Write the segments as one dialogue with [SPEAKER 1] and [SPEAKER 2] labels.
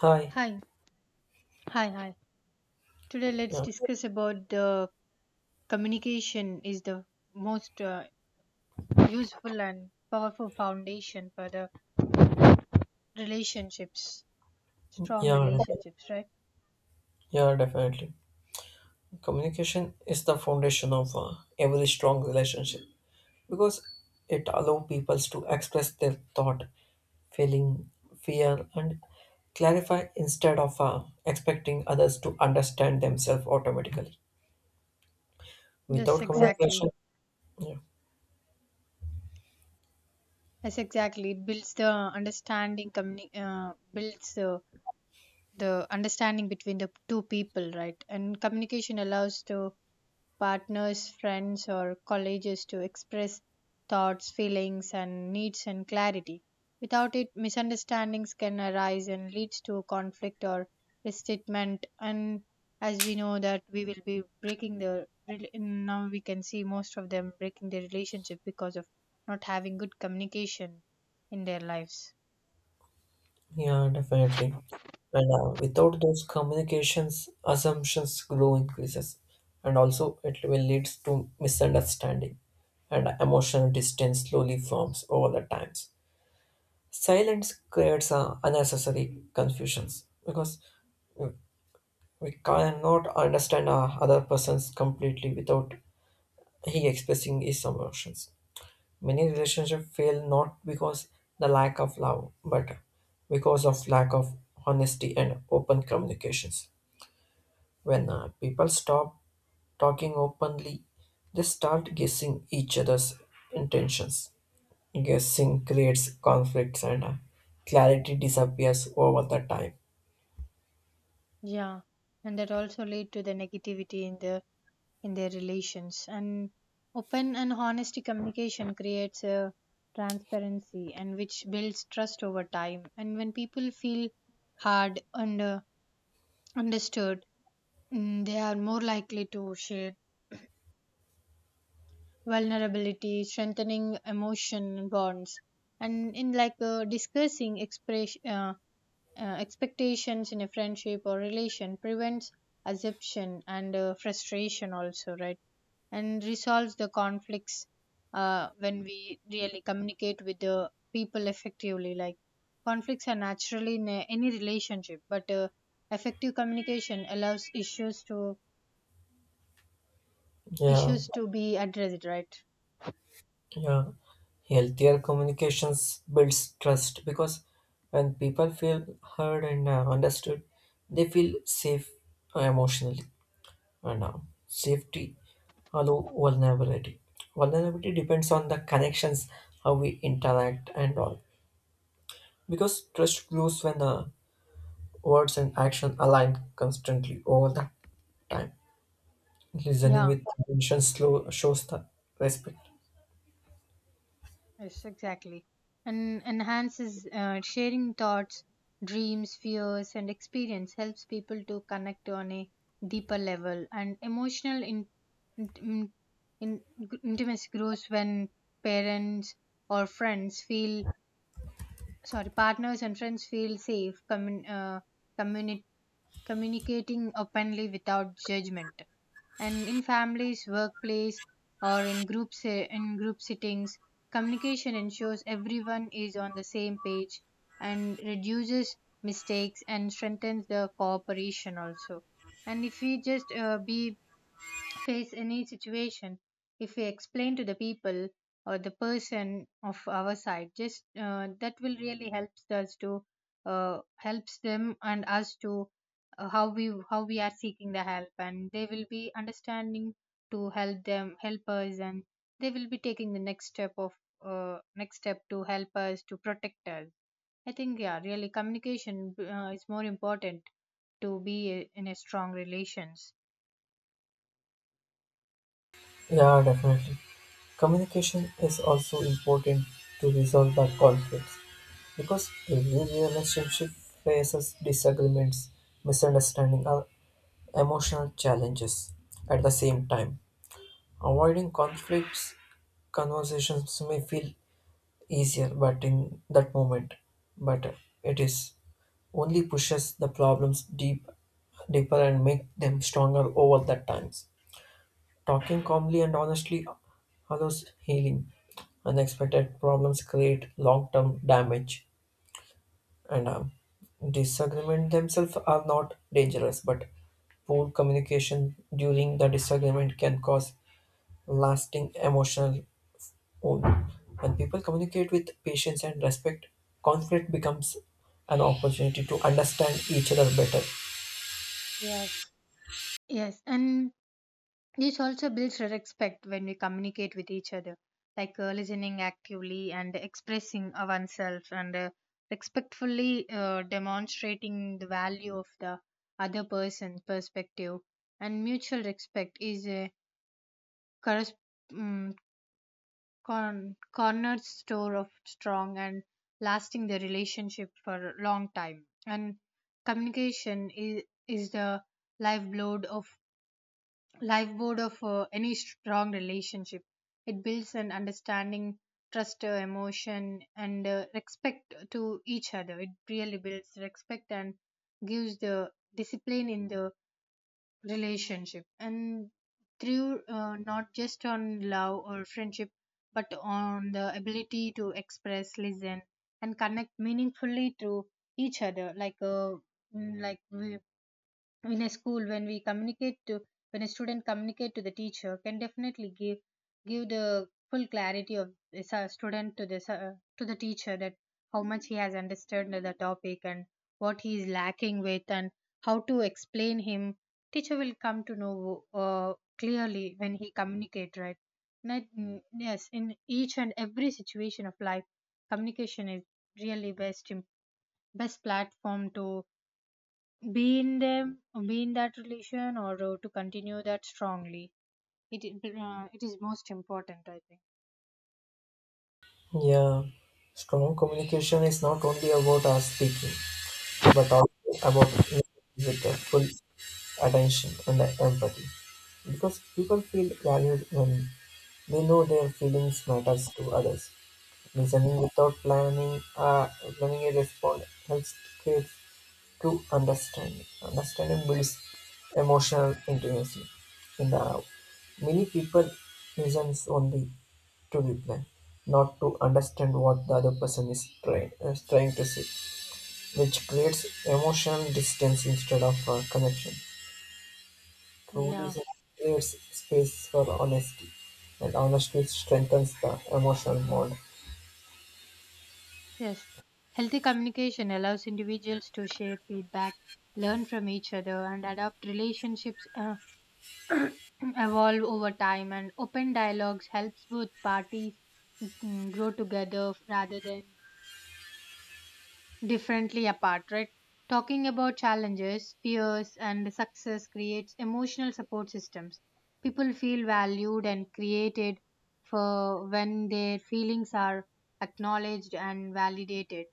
[SPEAKER 1] Hi.
[SPEAKER 2] Hi, hi. Today let's
[SPEAKER 1] Yeah.
[SPEAKER 2] discuss about the communication is the most useful and powerful foundation for the relationships, strong
[SPEAKER 1] Yeah, right.
[SPEAKER 2] relationships, right?
[SPEAKER 1] Yeah. Definitely. Communication is the foundation of every strong relationship because it allows people to express their thought, feeling, fear, and clarify instead of expecting others to understand themselves automatically.
[SPEAKER 2] Yes,
[SPEAKER 1] Without communication,
[SPEAKER 2] exactly.
[SPEAKER 1] yeah.
[SPEAKER 2] Yes, exactly. It builds the understanding, builds the understanding between the two people, right? And communication allows to partners, friends, or colleagues to express thoughts, feelings, and needs and clarity. Without it, misunderstandings can arise and leads to conflict or resentment. And as we know that we will be breaking now we can see most of them breaking their relationship because of not having good communication in their lives.
[SPEAKER 1] Yeah, definitely. And without those communications, assumptions grow increases, and also it will lead to misunderstanding, and emotional distance slowly forms over the times. Silence creates unnecessary confusions because we cannot understand other persons completely without he expressing his emotions. Many relationships fail not because the lack of love, but because of lack of honesty and open communications. When people stop talking openly, they start guessing each other's intentions. Guessing creates conflicts and clarity disappears over the time.
[SPEAKER 2] Yeah, and that also lead to the negativity in the in their relations. And open and honesty communication creates a transparency and which builds trust over time. And when people feel heard and understood, they are more likely to share vulnerability, strengthening emotion bonds, and in like discussing express expectations in a friendship or relation prevents assumption and frustration also, right? And resolves the conflicts when we really communicate with the people effectively like conflicts are naturally in any relationship but effective communication allows issues to
[SPEAKER 1] Yeah.
[SPEAKER 2] issues to be addressed, right?
[SPEAKER 1] Yeah, healthier communications builds trust because when people feel heard and understood, they feel safe emotionally and safety allow vulnerability. Vulnerability depends on the connections, how we interact and all. Because trust grows when the words and action align constantly over the time. Listening
[SPEAKER 2] Yeah.
[SPEAKER 1] with attention slow shows the respect.
[SPEAKER 2] Yes, exactly. And enhances sharing thoughts, dreams, fears, and experience helps people to connect on a deeper level. And emotional in, in, intimacy grows when parents or friends feel sorry, partners and friends feel safe, communi- communicating openly without judgment and in families workplace or in in group settings communication ensures everyone is on the same page and reduces mistakes and strengthens the cooperation also and if we just be face any situation if we explain to the people or the person of our side just that will really helps us to uh, helps them and us to how we are seeking the help and they will be understanding to help them help us and they will be taking the next step of next step to help us to protect us. I think, yeah, really communication is more important to be in a strong relations.
[SPEAKER 1] Yeah, definitely. Communication is also important to resolve the conflicts because every relationship faces disagreements, misunderstanding, or emotional challenges at the same time. Avoiding conflicts conversations may feel easier but in that moment but it is only pushes the problems deeper and make them stronger over the times. Talking calmly and honestly allows healing. Unexpected problems create long term damage and harm. Disagreements themselves are not dangerous, but poor communication during the disagreement can cause lasting emotional wound. When people communicate with patience and respect, conflict becomes an opportunity to understand each other better.
[SPEAKER 2] Yes, yes, and this also builds respect when we communicate with each other, like listening actively and expressing oneself and respectfully demonstrating the value of the other person's perspective. And mutual respect is a corres- um, cornerstone of strong and lasting the relationship for a long time. And communication is the lifeblood of lifeboat of any strong relationship. It builds an understanding, trust, emotion, and respect to each other. It really builds respect and gives the discipline in the relationship. And through not just on love or friendship, but on the ability to express, listen, and connect meaningfully to each other, like like we in a school when we communicate to when a student communicate to the teacher can definitely give the full clarity of this student to this to the teacher that how much he has understood the topic and what he is lacking with and how to explain him teacher will come to know clearly when he communicate, right? Not, mm, Yes, in each and every situation of life communication is really best platform to be in them be in that relation or to continue that strongly. It is most important, I think.
[SPEAKER 1] Yeah, strong communication is not only about our speaking, but also about listening with the full attention and the empathy. Because people feel valued when they know their feelings matters to others. Listening without planning a response helps kids to understand. Understanding builds emotional intimacy. In the many people listens only to reply, not to understand what the other person is trying to say, which creates emotional distance instead of connection. True
[SPEAKER 2] Yeah,
[SPEAKER 1] listening creates space for honesty, and honesty strengthens the emotional bond.
[SPEAKER 2] yes, healthy communication allows individuals to share feedback, learn from each other and adapt relationships evolve over time and open dialogues helps both parties grow together rather than differently apart, right? Talking about challenges, fears, and success creates emotional support systems. People feel valued and created for when their feelings are acknowledged and validated.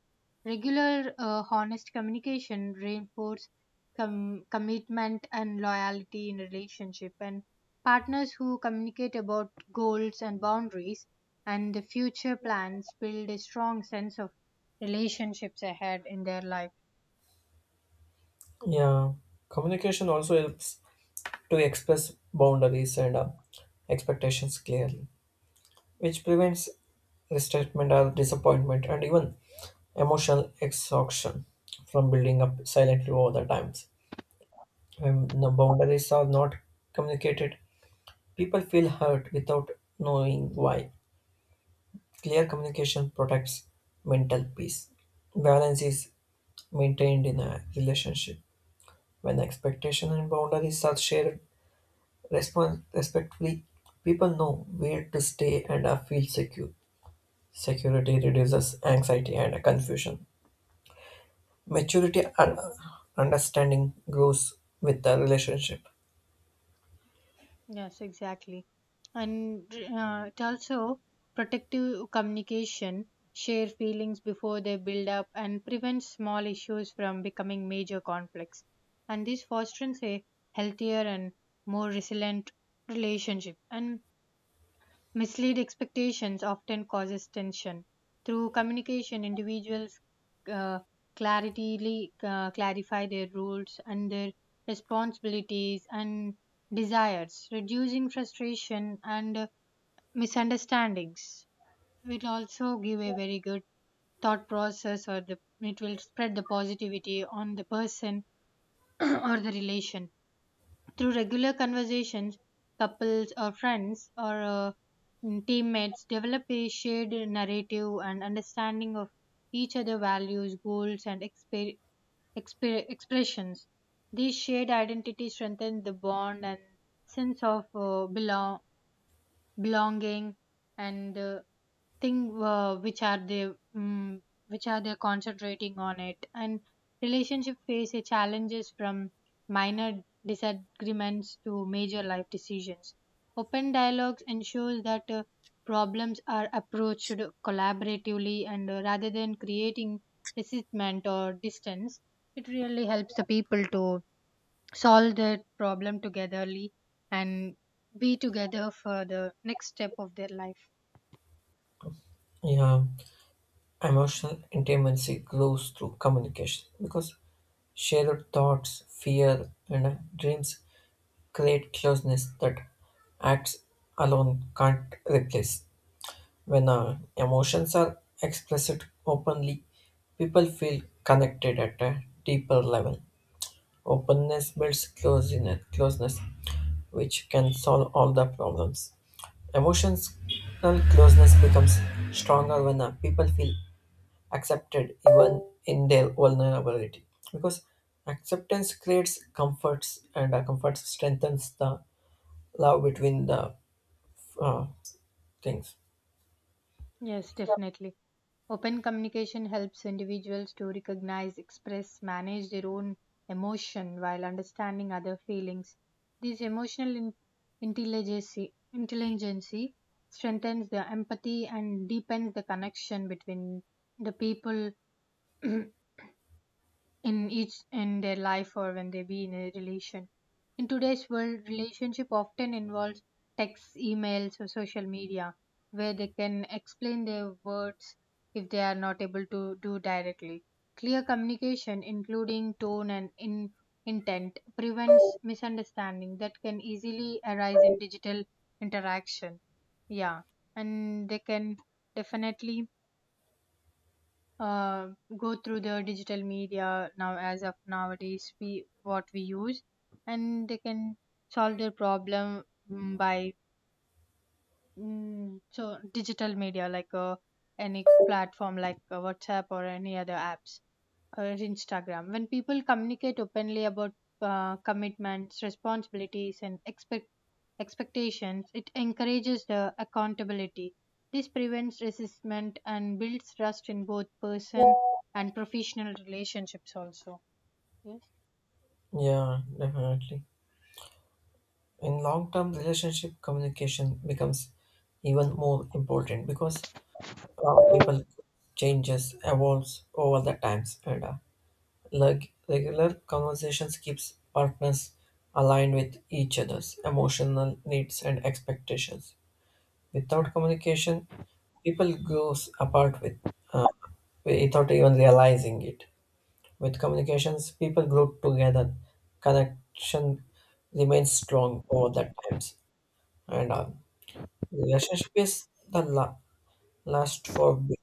[SPEAKER 2] Regular, honest communication reinforces commitment and loyalty in relationship. And partners who communicate about goals and boundaries and the future plans build a strong sense of relationships ahead in their life.
[SPEAKER 1] Yeah, communication also helps to express boundaries and expectations clearly, which prevents resentment or disappointment and even emotional exhaustion from building up silently over the times. When the boundaries are not communicated, people feel hurt without knowing why. Clear communication protects mental peace. Balance is maintained in a relationship. When expectation and boundaries are shared respectfully, people know where to stay and are feel secure. Security reduces anxiety and confusion. Maturity and understanding grows with the relationship.
[SPEAKER 2] Yes, exactly. And it also protective communication, share feelings before they build up, and prevent small issues from becoming major conflicts. And this fosters a healthier and more resilient relationship. And mislead expectations often causes tension. Through communication, individuals uh, clarify their roles and their responsibilities and desires, reducing frustration and misunderstandings. It will also give a very good thought process, or the, it will spread the positivity on the person or the relation through regular conversations, couples or friends or teammates develop a shared narrative and understanding of each other's values, goals, and expressions. These shared identity strengthen the bond and sense of belonging and thing um, which are they concentrating on it and relationship face a challenges from minor disagreements to major life decisions open dialogues ensures that problems are approached collaboratively and rather than creating resentment or distance. It really helps the people to solve their problem togetherly and be together for the next step of their life.
[SPEAKER 1] Yeah, emotional intimacy grows through communication because shared thoughts, fear, and dreams create closeness that acts alone can't replace. When emotions are expressed openly, people feel connected at a deeper level. Openness builds closeness, closeness which can solve all the problems. Emotional closeness becomes stronger when people feel accepted even in their vulnerability. Because acceptance creates comforts and comfort strengthens the love between the uh, things.
[SPEAKER 2] Yes, definitely. Open communication helps individuals to recognize, express, manage their own emotion while understanding other feelings. This emotional intelligence intelligence strengthens the empathy and deepens the connection between the people in each in their life or when they be in a relation. In today's world, relationship often involves texts, emails, or social media, where they can explain their words if they are not able to do directly. Clear communication, including tone and intent, prevents misunderstanding that can easily arise in digital interaction. Yeah, and they can definitely uh, go through the digital media now as of nowadays we what we use and they can solve their problem mm, by so digital media like any platform like WhatsApp or any other apps or Instagram. When people communicate openly about commitments, responsibilities, and expectations, it encourages the accountability. This prevents resistance and builds trust in both person and professional relationships. Also, yes.
[SPEAKER 1] Yeah, definitely. In long term relationship, communication becomes even more important because people changes, evolves over the times, and like regular conversations keeps partners aligned with each other's emotional needs and expectations. Without communication, people grows apart with uh, without even realizing it. With communications, people group together. Connection remains strong over the times, and relationship is the last for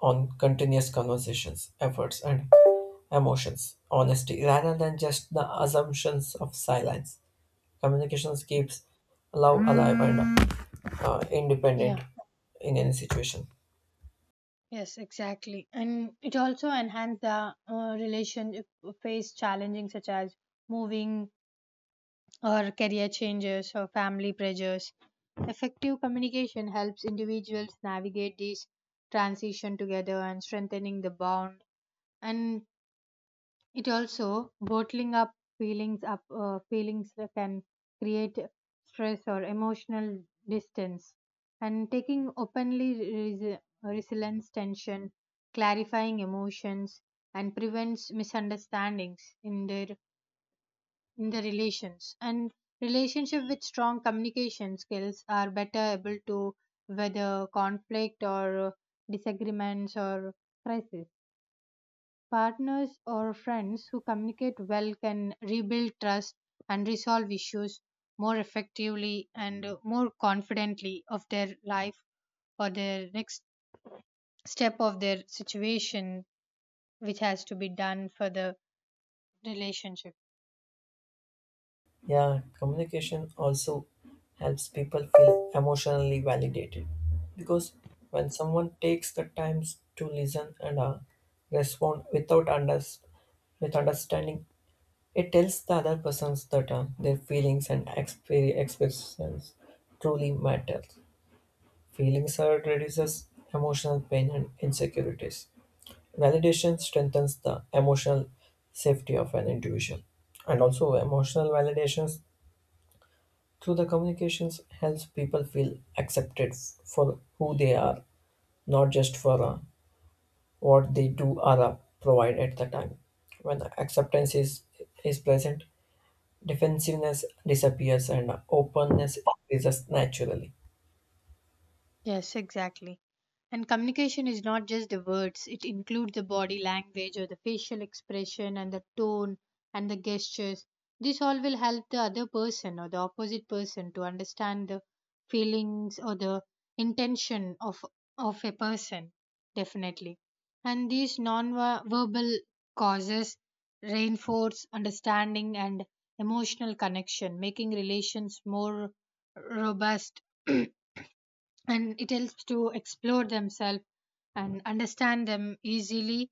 [SPEAKER 1] on continuous conversations, efforts, and emotions. Honesty, rather than just the assumptions of silence. Communications keeps love alive and independent
[SPEAKER 2] Yeah.
[SPEAKER 1] in any situation.
[SPEAKER 2] Yes, exactly, and it also enhances the relationship face challenging such as moving or career changes or family pressures. Effective communication helps individuals navigate this transition together and strengthening the bond. And it also bottling up feelings that can create stress or emotional distance. And taking openly resilience tension, clarifying emotions, and prevents misunderstandings in the relations and relationship with strong communication skills are better able to weather conflict or disagreements or crisis. Partners or friends who communicate well can rebuild trust and resolve issues more effectively and more confidently of their life or their next step of their situation which has to be done for the relationship.
[SPEAKER 1] Yeah, communication also helps people feel emotionally validated because when someone takes the time to listen and respond without under, with understanding, it tells the other persons that their feelings and expectations truly matter. Feelings are reduces emotional pain and insecurities. Validation strengthens the emotional safety of an individual, and also emotional validations through the communications helps people feel accepted for who they are, not just for what they do or provide at the time. When acceptance is present, defensiveness disappears and openness increases naturally.
[SPEAKER 2] Yes, exactly. And communication is not just the words, it includes the body language or the facial expression and the tone and the gestures. This all will help the other person or the opposite person to understand the feelings or the intention of a person definitely. And these non-verbal causes reinforce understanding and emotional connection, making relations more robust and it helps to explore themselves and understand them easily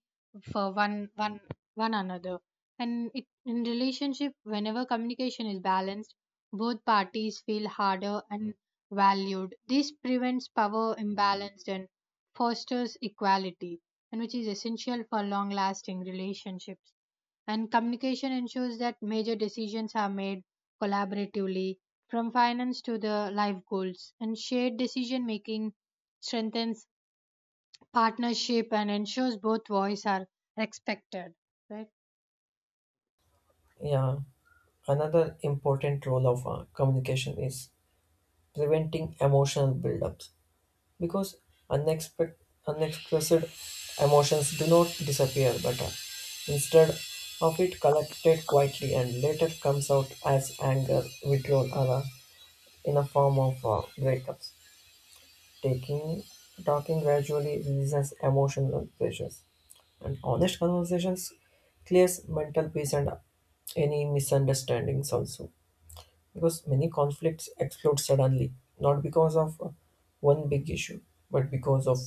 [SPEAKER 2] for one another. And it, in relationship whenever communication is balanced both parties feel harder and valued. This prevents power imbalance and fosters equality and which is essential for long lasting relationships and communication ensures that major decisions are made collaboratively from finance to the life goals and shared decision making strengthens partnership and ensures both voice are respected, right?
[SPEAKER 1] Yeah, another important role of communication is preventing emotional buildups because unexpected unexpressed emotions do not disappear but instead of it collected quietly and later comes out as anger withdrawal or in a form of breakups. Taking Talking gradually releases emotional pressures and honest conversations clears mental peace and any misunderstandings also because many conflicts explode suddenly, not because of one big issue, but because of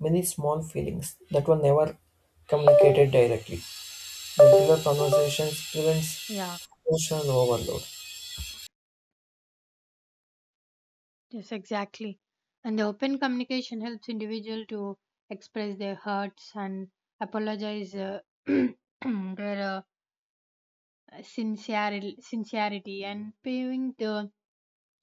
[SPEAKER 1] many small feelings that were never communicated directly. Regular conversations
[SPEAKER 2] Yeah,
[SPEAKER 1] prevents emotional overload.
[SPEAKER 2] yes, exactly. And the open communication helps individual to express their hurts and apologize their uh, sincere, sincerity and paving the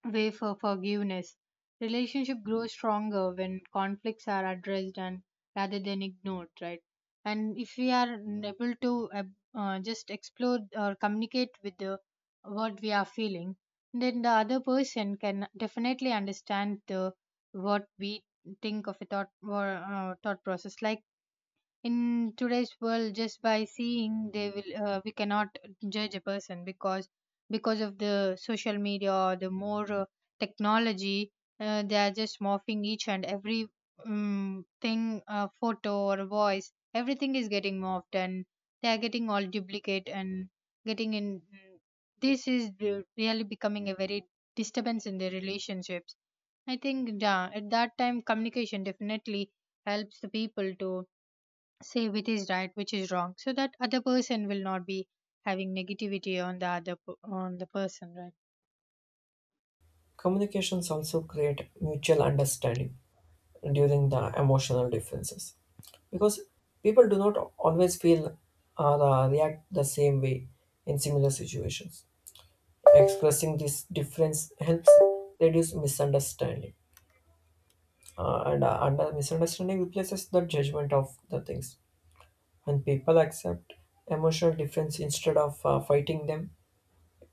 [SPEAKER 2] way for forgiveness. Relationship grows stronger when conflicts are addressed and rather than ignored, right? And if we are able to just explore or communicate with the what we are feeling, then the other person can definitely understand the what we think of a thought or thought process. Like in today's world just by seeing they will we cannot judge a person because of the social media or the more technology they are just morphing each and every thing photo or voice everything is getting morphed and they are getting all duplicate and getting in this is really becoming a very disturbance in their relationships. I think, yeah, at that time communication definitely helps the people to say which is right which is wrong so that other person will not be having negativity on the on the person, right?
[SPEAKER 1] Communications also create mutual understanding during the emotional differences because people do not always feel or react the same way in similar situations. Expressing this difference helps reduce misunderstanding and under misunderstanding replaces the judgment of the things. When people accept emotional difference instead of fighting them,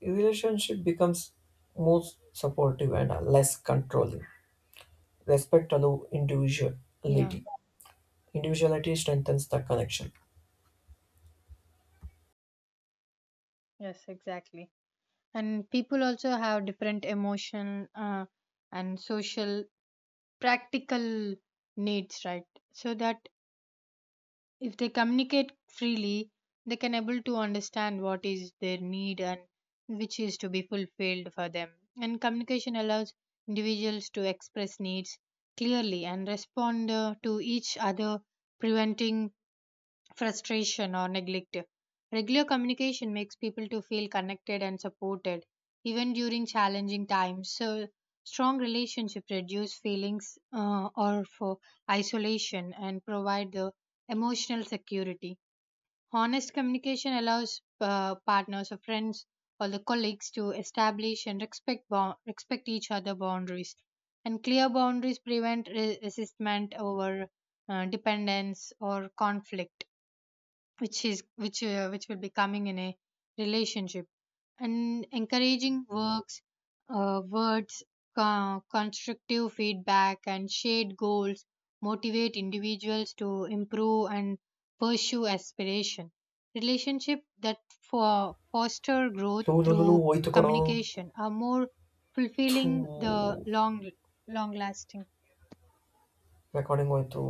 [SPEAKER 1] relationship becomes more supportive and less controlling. Respect allow
[SPEAKER 2] Yeah,
[SPEAKER 1] individuality, individuality strengthens the connection.
[SPEAKER 2] yes, exactly. And people also have different emotion and social practical needs, right? So that if they communicate freely they can able to understand what is their need and which is to be fulfilled for them and communication allows individuals to express needs clearly and respond to each other preventing frustration or neglect. Regular communication makes people to feel connected and supported even during challenging times. So strong relationship reduce feelings or for isolation and provide the emotional security. Honest communication allows partners or friends or the colleagues to establish and respect respect each other boundaries. And clear boundaries prevent resistment over dependence or conflict which is which will be coming in a relationship and encouraging works words constructive feedback and shared goals motivate individuals to improve and pursue aspiration relationship that for foster growth
[SPEAKER 1] Lulu lu- lu- lu,
[SPEAKER 2] through
[SPEAKER 1] ಹೋಯ್ತು ಕಣೋ.
[SPEAKER 2] communication are more
[SPEAKER 1] ಥೂ.
[SPEAKER 2] fulfilling the long long lasting
[SPEAKER 1] Recording ಹೋಯ್ತು.